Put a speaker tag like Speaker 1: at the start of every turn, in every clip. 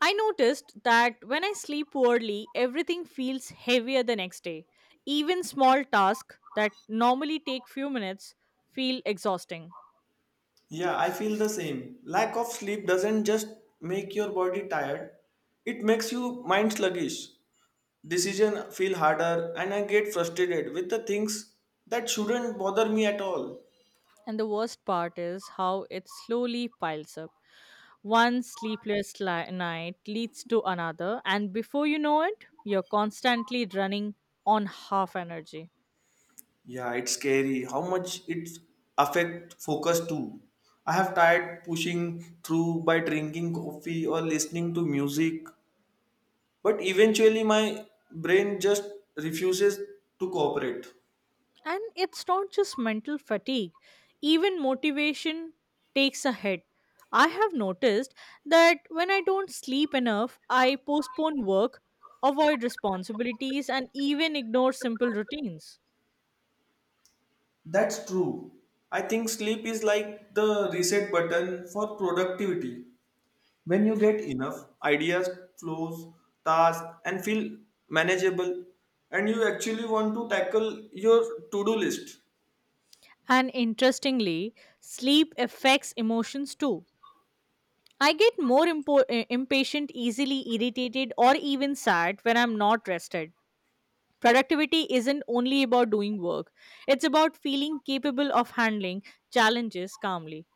Speaker 1: I noticed that when I sleep poorly, everything feels heavier the next day. Even small tasks that normally take few minutes feel exhausting.
Speaker 2: Yeah, I feel the same. Lack of sleep doesn't just make your body tired, it makes you mind sluggish. Decision feel harder and I get frustrated with the things that shouldn't bother me at all.
Speaker 1: And the worst part is how it slowly piles up. One night leads to another, and before you know it, you're constantly running on half energy.
Speaker 2: Yeah, it's scary how much it affect focus too. I have tried pushing through by drinking coffee or listening to music, but eventually my brain just refuses to cooperate.
Speaker 1: And it's not just mental fatigue, even motivation takes a hit. I have noticed that when I don't sleep enough, I postpone work, avoid responsibilities, and even ignore simple routines.
Speaker 2: That's true. I think sleep is like the reset button for productivity. When you get enough, ideas flows, tasks, and feel manageable, and you actually want to tackle your to-do list.
Speaker 1: And interestingly, sleep affects emotions too. I get more impatient, easily irritated, or even sad when I'm not rested. Productivity isn't only about doing work, it's about feeling capable of handling challenges calmly.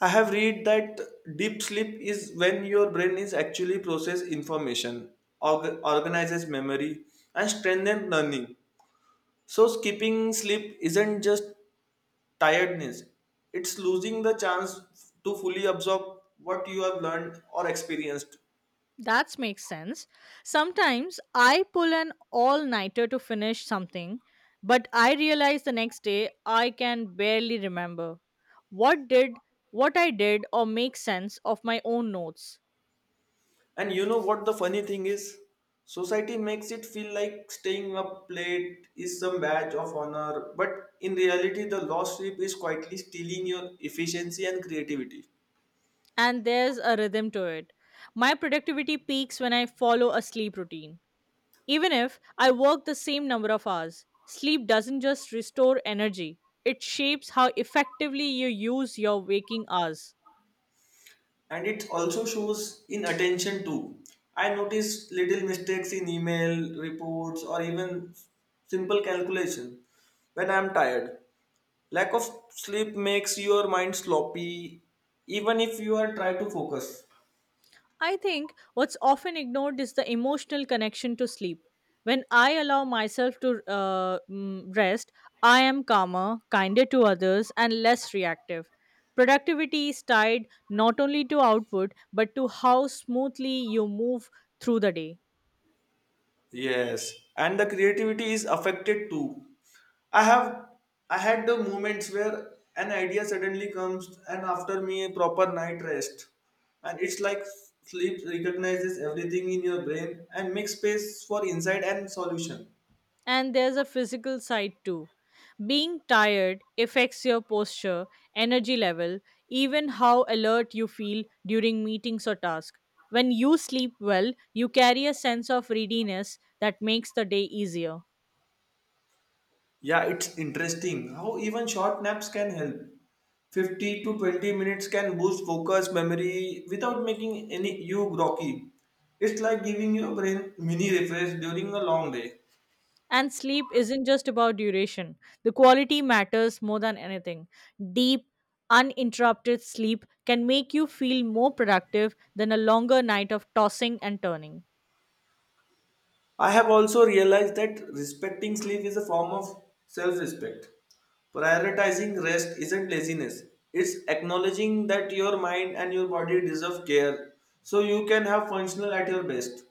Speaker 2: I have read that deep sleep is when your brain is actually process information, organizes memory, and strengthens learning. So skipping sleep isn't just tiredness. It's losing the chance to fully absorb what you have learned or experienced.
Speaker 1: That makes sense. Sometimes I pull an all nighter to finish something, but I realize the next day I can barely remember what did what I did or make sense of my own notes.
Speaker 2: And you know what the funny thing is? Society makes it feel like staying up late is some badge of honor, but in reality, the lost sleep is quietly stealing your efficiency and creativity.
Speaker 1: And there's a rhythm to it. My productivity peaks when I follow a sleep routine. Even if I work the same number of hours, sleep doesn't just restore energy, it shapes how effectively you use your waking hours.
Speaker 2: And it also shows in attention too. I notice little mistakes in email, reports, or even simple calculation when I'm tired. Lack of sleep makes your mind sloppy, even if you are try to focus.
Speaker 1: I think what's often ignored is the emotional connection to sleep. When I allow myself to rest, I am calmer, kinder to others, and less reactive. Productivity is tied not only to output but to how smoothly you move through the day.
Speaker 2: Yes, and the creativity is affected too. I have I had the moments where an idea suddenly comes, and after me a proper night rest, and it's like sleep recognizes everything in your brain and makes space for insight and solution.
Speaker 1: And there's a physical side too. Being tired affects your posture, energy level, even how alert you feel during meetings or tasks. When you sleep well, you carry a sense of readiness that makes the day easier.
Speaker 2: Yeah, it's interesting how even short naps can help. 50 to 20 minutes can boost focus, memory without making any you groggy. It's like giving your brain mini refresh during a long day.
Speaker 1: And sleep isn't just about duration, the quality matters more than anything. Deep, uninterrupted sleep can make you feel more productive than a longer night of tossing and turning.
Speaker 2: I have also realized that respecting sleep is a form of self-respect. Prioritizing rest isn't laziness. It's acknowledging that your mind and your body deserve care so you can have functional at your best.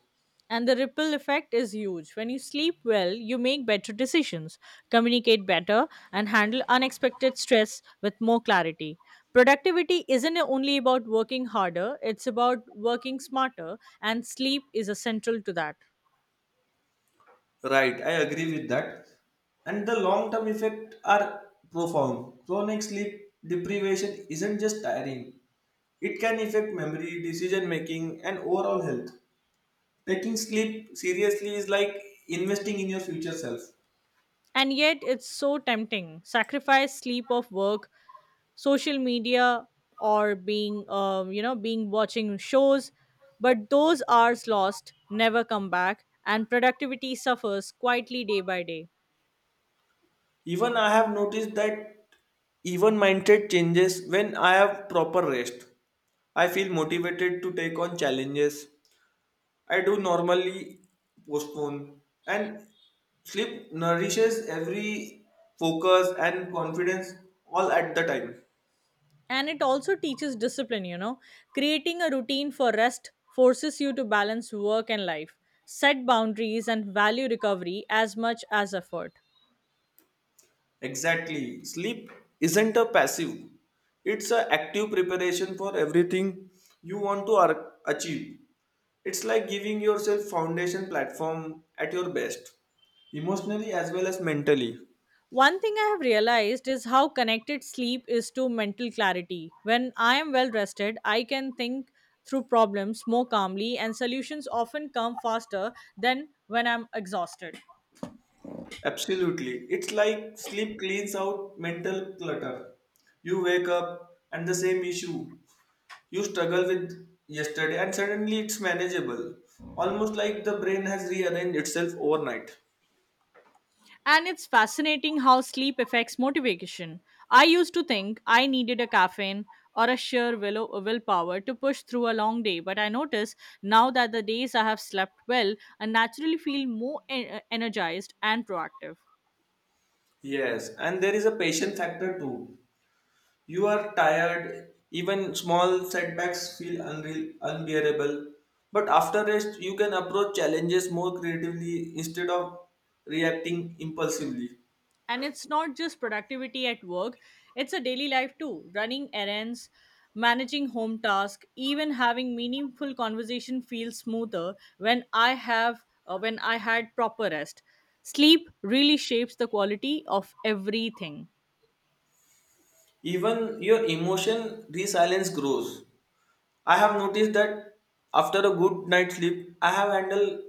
Speaker 1: And the ripple effect is huge. When you sleep well, you make better decisions, communicate better, and handle unexpected stress with more clarity. Productivity isn't only about working harder, it's about working smarter, and sleep is essential to that.
Speaker 2: Right, I agree with that. And the long term effects are profound. Chronic sleep deprivation isn't just tiring, it can affect memory, decision making, and overall health. Taking sleep seriously is like investing in your future self.
Speaker 1: And yet, it's so tempting. Sacrifice sleep of work, social media, or being, being watching shows. But those hours lost never come back, and productivity suffers quietly day by day.
Speaker 2: Even I have noticed that even mindset changes when I have proper rest. I feel motivated to take on challenges I do normally postpone and sleep nourishes every focus and confidence all at the time.
Speaker 1: And it also teaches discipline, creating a routine for rest forces you to balance work and life, set boundaries, and value recovery as much as effort.
Speaker 2: Exactly. Sleep isn't a passive. It's an active preparation for everything you want to achieve. It's like giving yourself foundation platform at your best, emotionally as well as mentally.
Speaker 1: One thing I have realized is how connected sleep is to mental clarity. When I am well rested, I can think through problems more calmly, and solutions often come faster than when I'm exhausted.
Speaker 2: Absolutely. It's like sleep cleans out mental clutter. You wake up and the same issue you struggle with yesterday, and suddenly it's manageable. Almost like the brain has rearranged itself overnight.
Speaker 1: And it's fascinating how sleep affects motivation. I used to think I needed a caffeine or a sheer willpower to push through a long day, but I notice now that the days I have slept well, I naturally feel more energized and proactive.
Speaker 2: Yes, and there is a patient factor too. You are tired, even small setbacks feel unreal, unbearable. But after rest, you can approach challenges more creatively instead of reacting impulsively.
Speaker 1: And it's not just productivity at work, it's a daily life too. Running errands, managing home tasks, even having meaningful conversation feels smoother when I have when I had proper rest. Sleep really shapes the quality of everything.
Speaker 2: Even your emotion resilience grows. I have noticed that after a good night's sleep, I have handled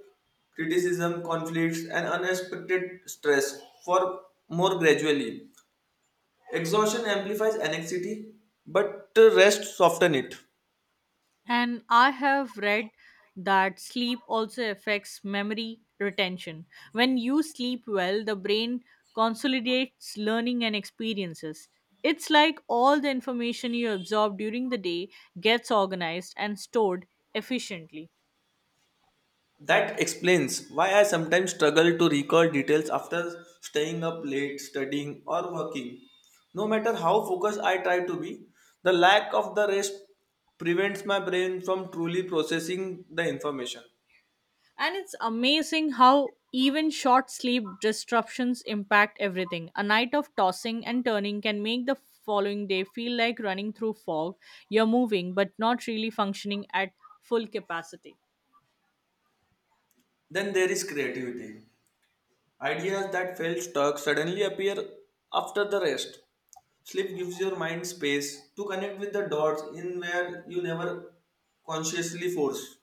Speaker 2: criticism, conflicts, and unexpected stress for more gradually. Exhaustion amplifies anxiety, but rest soften it.
Speaker 1: And I have read that sleep also affects memory retention. When you sleep well, the brain consolidates learning and experiences. It's like all the information you absorb during the day gets organized and stored efficiently.
Speaker 2: That explains why I sometimes struggle to recall details after staying up late, studying, or working. No matter how focused I try to be, the lack of the rest prevents my brain from truly processing the information.
Speaker 1: And it's amazing how even short sleep disruptions impact everything. A night of tossing and turning can make the following day feel like running through fog. You're moving, but not really functioning at full capacity.
Speaker 2: Then there is creativity. Ideas that felt stuck suddenly appear after the rest. Sleep gives your mind space to connect with the dots in where you never consciously force.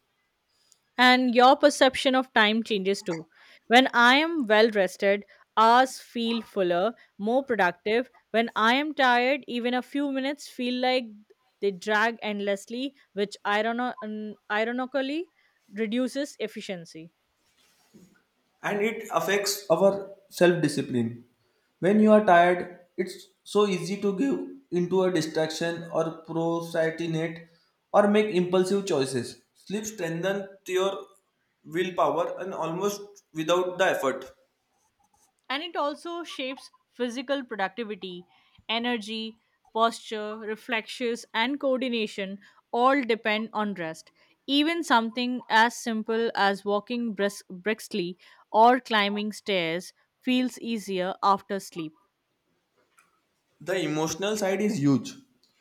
Speaker 1: And your perception of time changes too. When I am well rested, hours feel fuller, more productive. When I am tired, even a few minutes feel like they drag endlessly, which ironically reduces efficiency.
Speaker 2: And it affects our self discipline. When you are tired, it's so easy to give into a distraction or procrastinate or make impulsive choices. Sleep strengthens your willpower and almost without the effort.
Speaker 1: And it also shapes physical productivity, energy, posture, reflexes, and coordination all depend on rest. Even something as simple as walking briskly or climbing stairs feels easier after sleep.
Speaker 2: The emotional side is huge.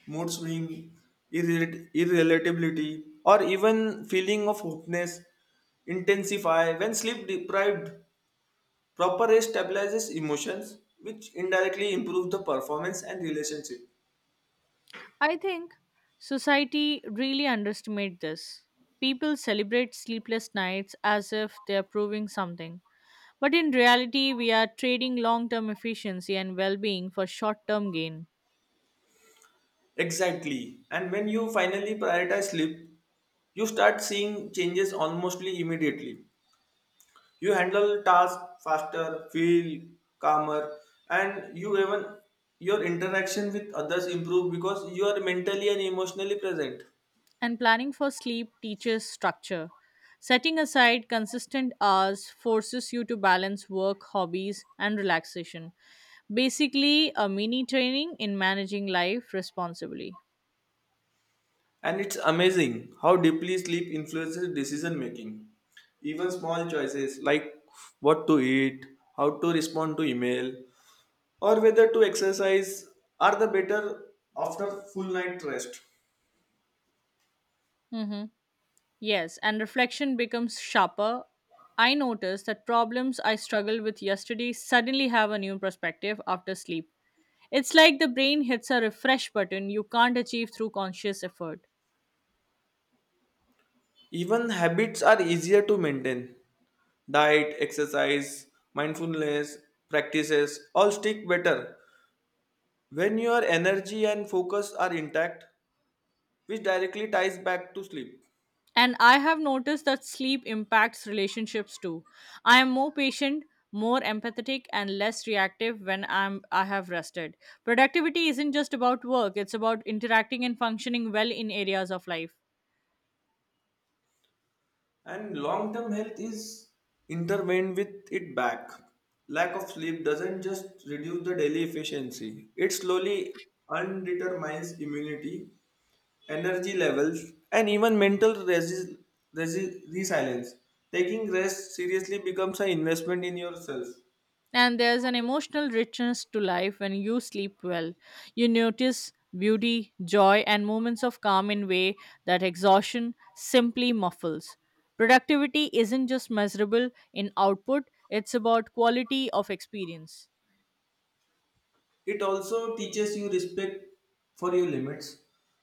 Speaker 2: Mood swing, irritability, or even feeling of hopelessness intensify when sleep deprived. Proper rest stabilizes emotions, which indirectly improve the performance and relationship.
Speaker 1: I think society really underestimates this. People celebrate sleepless nights as if they are proving something. But in reality, we are trading long term efficiency and well being for short term gain.
Speaker 2: Exactly. And when you finally prioritize sleep, you start seeing changes almost immediately. You handle tasks faster, feel calmer, and you even your interaction with others improve because you are mentally and emotionally present.
Speaker 1: And planning for sleep teaches structure. Setting aside consistent hours forces you to balance work, hobbies, and relaxation. Basically, a mini training in managing life responsibly.
Speaker 2: And it's amazing how deeply sleep influences decision making. Even small choices like what to eat, how to respond to email, or whether to exercise are the better after full night rest.
Speaker 1: Hmm. Yes, and reflection becomes sharper. I notice that problems I struggled with yesterday suddenly have a new perspective after sleep. It's like the brain hits a refresh button you can't achieve through conscious effort.
Speaker 2: Even habits are easier to maintain. Diet, exercise, mindfulness practices all stick better when your energy and focus are intact, which directly ties back to sleep.
Speaker 1: And I have noticed that sleep impacts relationships too. I am more patient, more empathetic, and less reactive when I'm I have rested. Productivity isn't just about work, it's about interacting and functioning well in areas of life.
Speaker 2: And long term health is intervened with it back lack of sleep doesn't just reduce the daily efficiency it slowly undetermines immunity energy levels and even mental resilience taking rest seriously becomes an investment in yourself.
Speaker 1: And there's an emotional richness to life when you sleep well. You notice beauty, joy, and moments of calm in way that exhaustion simply muffles. Productivity isn't just measurable in output, it's about quality of experience.
Speaker 2: It also teaches you respect for your limits.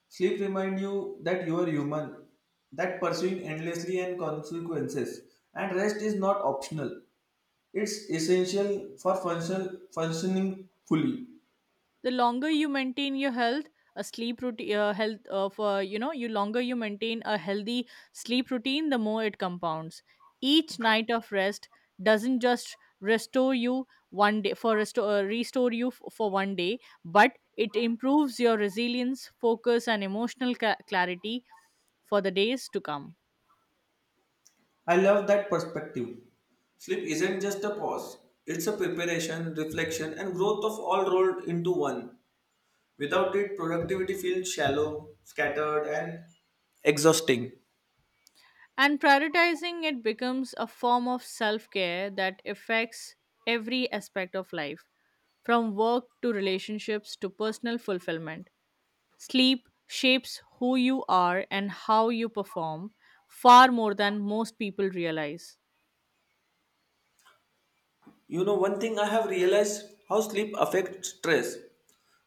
Speaker 2: Sleep reminds you that you are human, that pursuing endlessly and consequences, and rest is not optional. It's essential for functioning fully.
Speaker 1: The longer you maintain your health a sleep routine health of you know you longer you maintain a healthy sleep routine, the more it compounds. Each night of rest doesn't just restore you one day, for restore restore you for one day, but it improves your resilience, focus, and emotional clarity for the days to come.
Speaker 2: I love that perspective. Sleep isn't just a pause, it's a preparation, reflection, and growth of all rolled into one. Without it, productivity feels shallow, scattered, and exhausting.
Speaker 1: And prioritizing it becomes a form of self care that affects every aspect of life, from work to relationships to personal fulfillment. Sleep shapes who you are and how you perform far more than most people realize.
Speaker 2: You know, one thing I have realized how sleep affects stress.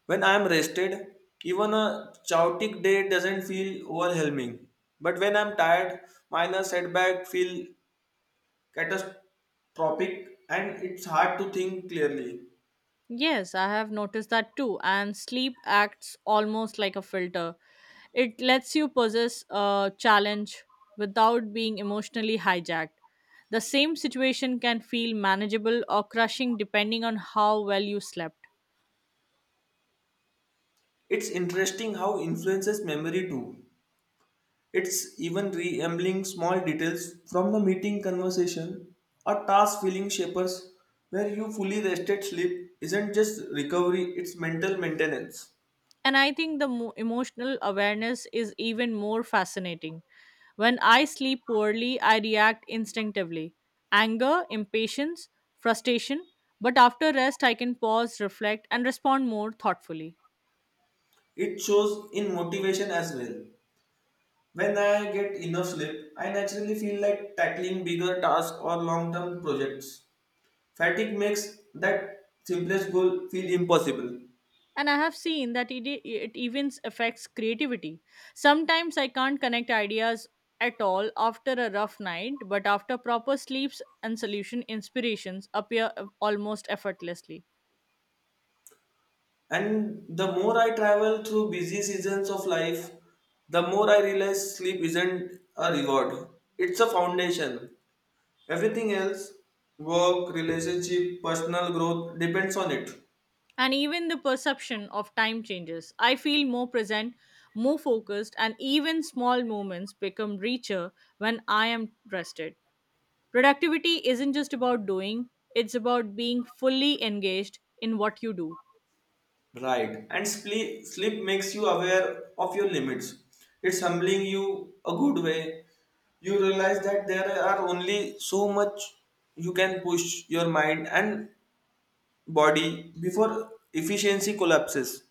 Speaker 2: When I am rested, even a chaotic day doesn't feel overwhelming. But when I'm tired, minor setback feel catastrophic and it's hard to think clearly.
Speaker 1: Yes, I have noticed that too. And sleep acts almost like a filter. It lets you possess a challenge without being emotionally hijacked. The same situation can feel manageable or crushing depending on how well you slept.
Speaker 2: It's interesting how influences memory too. It's even re-ambling small details from the meeting conversation or task feeling shapers where you fully rested sleep isn't just recovery, it's mental maintenance.
Speaker 1: And I think the emotional awareness is even more fascinating. When I sleep poorly, I react instinctively, anger, impatience, frustration. But after rest, I can pause, reflect, and respond more thoughtfully.
Speaker 2: It shows in motivation as well. When I get enough sleep, I naturally feel like tackling bigger tasks or long term projects. Fatigue makes that simplest goal feel impossible.
Speaker 1: And I have seen that it even affects creativity. Sometimes I can't connect ideas at all after a rough night, but after proper sleeps and solution inspirations appear almost effortlessly.
Speaker 2: And the more I travel through busy seasons of life, the more I realize sleep isn't a reward, it's a foundation. Everything else work, relationship, personal growth depends on it.
Speaker 1: And even the perception of time changes. I feel more present, more focused, and even small moments become richer when I am rested. Productivity isn't just about doing, it's about being fully engaged in what you do.
Speaker 2: Right. And sleep makes you aware of your limits. It's humbling you a good way. You realize that there are only so much you can push your mind and body before efficiency collapses.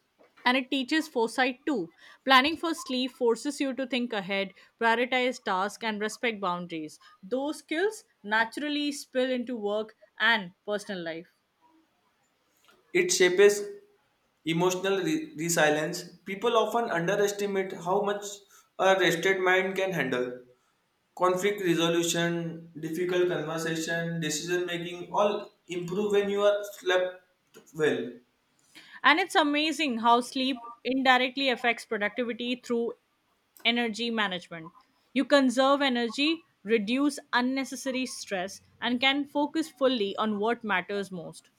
Speaker 1: And it teaches foresight too. Planning for sleep forces you to think ahead, prioritize tasks, and respect boundaries. Those skills naturally spill into work and personal life.
Speaker 2: It shapes emotional resilience. People often underestimate how much a rested mind can handle. Conflict resolution, difficult conversation, decision making all improve when you are slept well.
Speaker 1: And it's amazing how sleep indirectly affects productivity through energy management. You conserve energy, reduce unnecessary stress, and can focus fully on what matters most.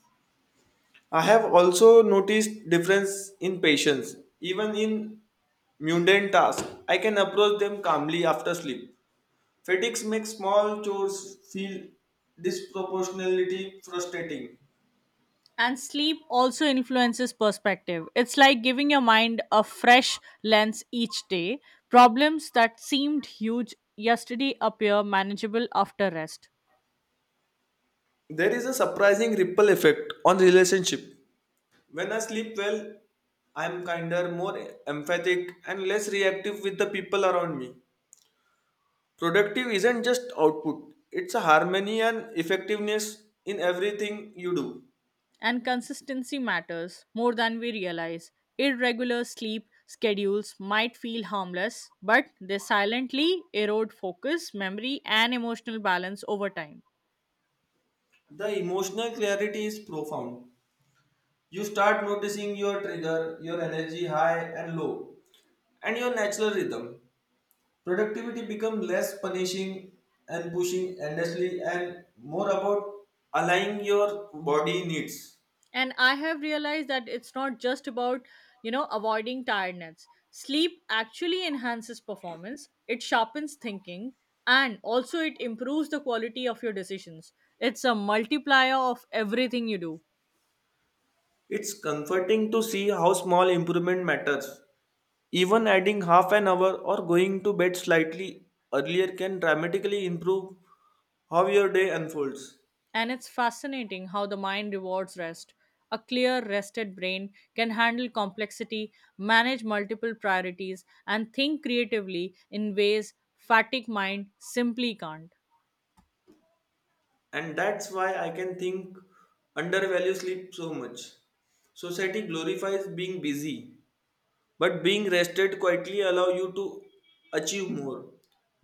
Speaker 2: I have also noticed difference in patience. Even in mundane tasks, I can approach them calmly after sleep. Fatigue makes small chores feel disproportionately frustrating.
Speaker 1: And sleep also influences perspective. It's like giving your mind a fresh lens each day. Problems that seemed huge yesterday appear manageable after rest.
Speaker 2: There is a surprising ripple effect on relationship. When I sleep well, I'm kinder, more empathic, and less reactive with the people around me. Productive isn't just output, it's a harmony and effectiveness in everything you do.
Speaker 1: And consistency matters more than we realize. Irregular sleep schedules might feel harmless, but they silently erode focus, memory, and emotional balance over time.
Speaker 2: The emotional clarity is profound. You start noticing your trigger, your energy high and low, and your natural rhythm. Productivity becomes less punishing and pushing endlessly and more about aligning your body needs.
Speaker 1: And I have realized that it's not just about, avoiding tiredness. Sleep actually enhances performance, it sharpens thinking, and also it improves the quality of your decisions. It's a multiplier of everything you do.
Speaker 2: It's comforting to see how small improvement matters. Even adding half an hour or going to bed slightly earlier can dramatically improve how your day unfolds.
Speaker 1: And it's fascinating how the mind rewards rest. A clear, rested brain can handle complexity, manage multiple priorities, and think creatively in ways fatigue mind simply can't.
Speaker 2: And that's why I can think undervalue sleep so much. Society glorifies being busy, but being rested quietly allow you to achieve more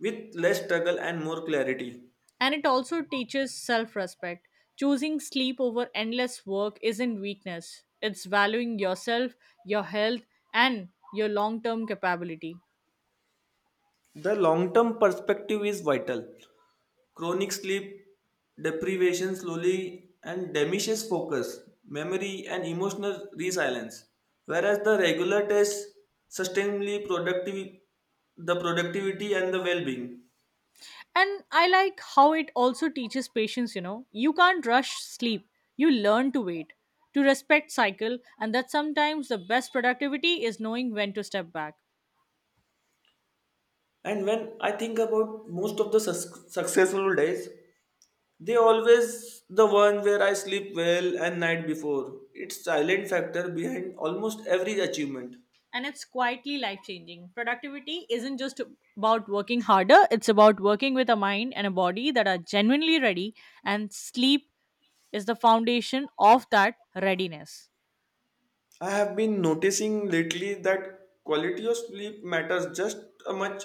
Speaker 2: with less struggle and more clarity.
Speaker 1: And it also teaches self respect. Choosing sleep over endless work isn't weakness, it's valuing yourself, your health, and your long term capability.
Speaker 2: The long term perspective is vital. Chronic sleep deprivation slowly and diminishes focus, memory, and emotional resilience, whereas the regular tests sustainably productive the productivity and the well-being.
Speaker 1: And I like how it also teaches patience, You can't rush sleep, you learn to wait, to respect cycle, and that sometimes the best productivity is knowing when to step back.
Speaker 2: And when I think about most of the successful days, they always the one where I sleep well and night before. It's silent factor behind almost every achievement.
Speaker 1: And it's quietly life changing. Productivity isn't just about working harder, it's about working with a mind and a body that are genuinely ready, and sleep is the foundation of that readiness.
Speaker 2: I have been noticing lately that quality of sleep matters just as much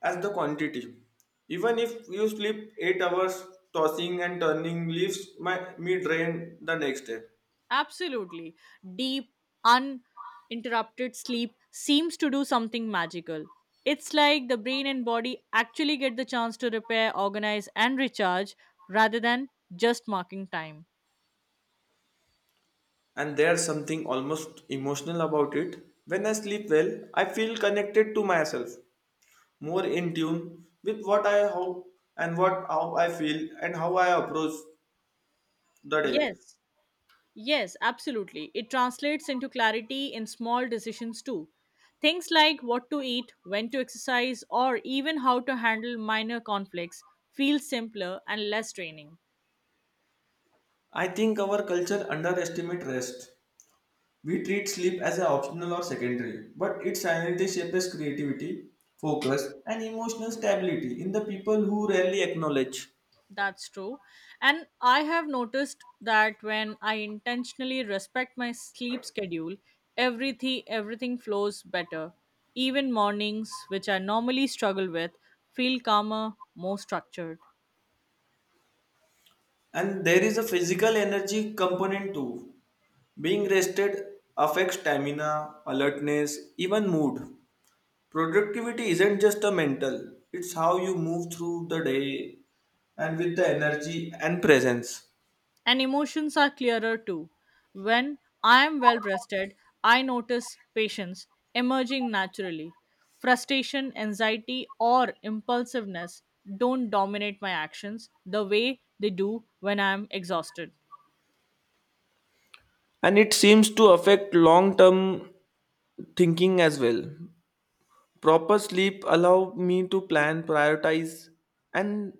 Speaker 2: as the quantity. Even if you sleep 8 hours, tossing and turning leaves me drained the next day.
Speaker 1: Absolutely. Deep, uninterrupted sleep seems to do something magical. It's like the brain and body actually get the chance to repair, organize, and recharge rather than just marking time.
Speaker 2: And there's something almost emotional about it. When I sleep well, I feel connected to myself, more in tune with what I how and what how I feel and how I approach the day.
Speaker 1: Yes, Yes, absolutely. It translates into clarity in small decisions too. Things like what to eat, when to exercise, or even how to handle minor conflicts feel simpler and less draining.
Speaker 2: I think our culture underestimate rest. We treat sleep as an optional or secondary, but it silently shapes creativity, focus, and emotional stability in the people who rarely acknowledge.
Speaker 1: That's true. And I have noticed that when I intentionally respect my sleep schedule, everything flows better. Even mornings, which I normally struggle with, feel calmer, more structured.
Speaker 2: And there is a physical energy component too. Being rested affects stamina, alertness, even mood. Productivity isn't just a mental, it's how you move through the day and with the energy and presence.
Speaker 1: And emotions are clearer too. When I am well rested, I notice patience emerging naturally. Frustration, anxiety, or impulsiveness don't dominate my actions the way they do when I am exhausted.
Speaker 2: And it seems to affect long term thinking as well. Proper sleep allow me to plan, prioritize, and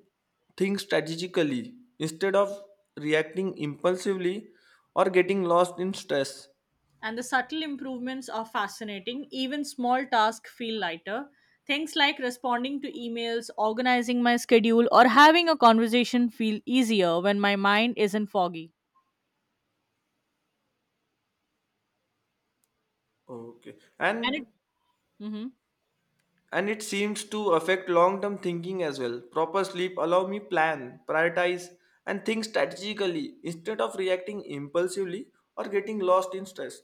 Speaker 2: think strategically instead of reacting impulsively or getting lost in stress.
Speaker 1: And the subtle improvements are fascinating. Even small tasks feel lighter. Things like responding to emails, organizing my schedule, or having a conversation feel easier when my mind isn't foggy.
Speaker 2: Okay,
Speaker 1: And
Speaker 2: and
Speaker 1: it. Mhm.
Speaker 2: and it seems to affect long-term thinking as well. Proper sleep allow me plan, prioritize, and think strategically instead of reacting impulsively or getting lost in stress.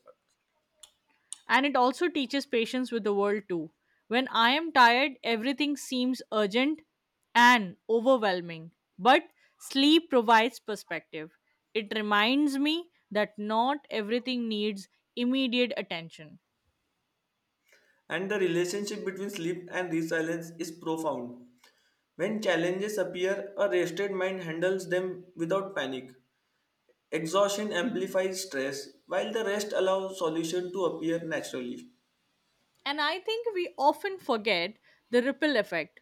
Speaker 1: And it also teaches patience with the world too. When I am tired, everything seems urgent and overwhelming, but sleep provides perspective. It reminds me that not everything needs immediate attention.
Speaker 2: And the relationship between sleep and resilience is profound. When challenges appear, a rested mind handles them without panic. Exhaustion amplifies stress, while the rest allows solution to appear naturally.
Speaker 1: And I think we often forget the ripple effect.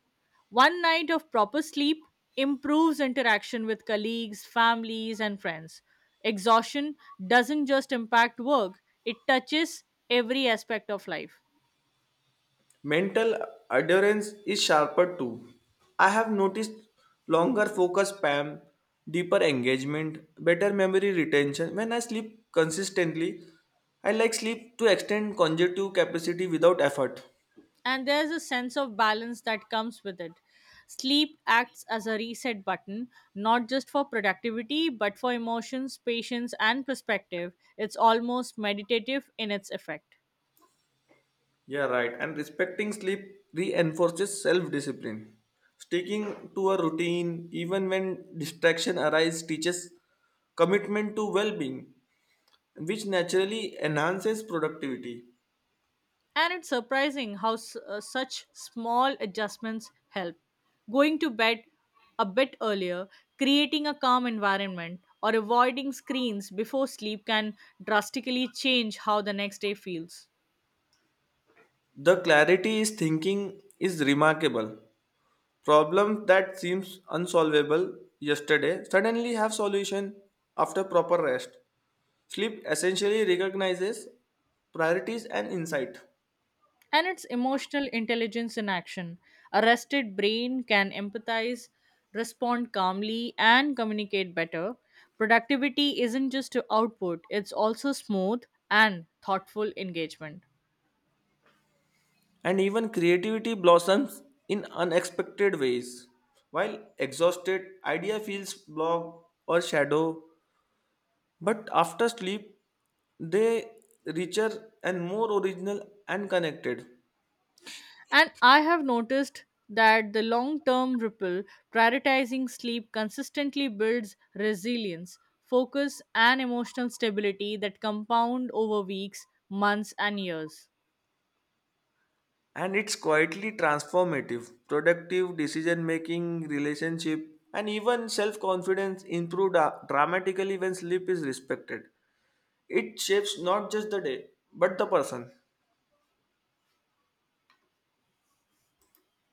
Speaker 1: One night of proper sleep improves interaction with colleagues, families, and friends. Exhaustion doesn't just impact work, it touches every aspect of life.
Speaker 2: Mental adherence is sharper too. I have noticed longer focus spam, deeper engagement, better memory retention. When I sleep consistently, I like sleep to extend cognitive capacity without effort.
Speaker 1: And there's a sense of balance that comes with it. Sleep acts as a reset button, not just for productivity, but for emotions, patience, and perspective. It's almost meditative in its effect.
Speaker 2: Yeah, right. And respecting sleep reinforces self discipline. Sticking to a routine, even when distraction arises, teaches commitment to well being, which naturally enhances productivity.
Speaker 1: And it's surprising how such small adjustments help. Going to bed a bit earlier, creating a calm environment, or avoiding screens before sleep can drastically change how the next day feels.
Speaker 2: The clarity is thinking is remarkable. Problems that seems unsolvable yesterday suddenly have solution after proper rest. Sleep essentially recognizes priorities and insight.
Speaker 1: And it's emotional intelligence in action. A rested brain can empathize, respond calmly, and communicate better. Productivity isn't just to output, it's also smooth and thoughtful engagement.
Speaker 2: And even creativity blossoms in unexpected ways. While exhausted, idea feels blocked or shadow, but after sleep, they richer and more original and connected.
Speaker 1: And I have noticed that the long term ripple prioritizing sleep consistently builds resilience, focus, and emotional stability that compound over weeks, months, and years.
Speaker 2: And it's quietly transformative. Productive decision making, relationship, and even self confidence improve dramatically when sleep is respected. It shapes not just the day, but the person.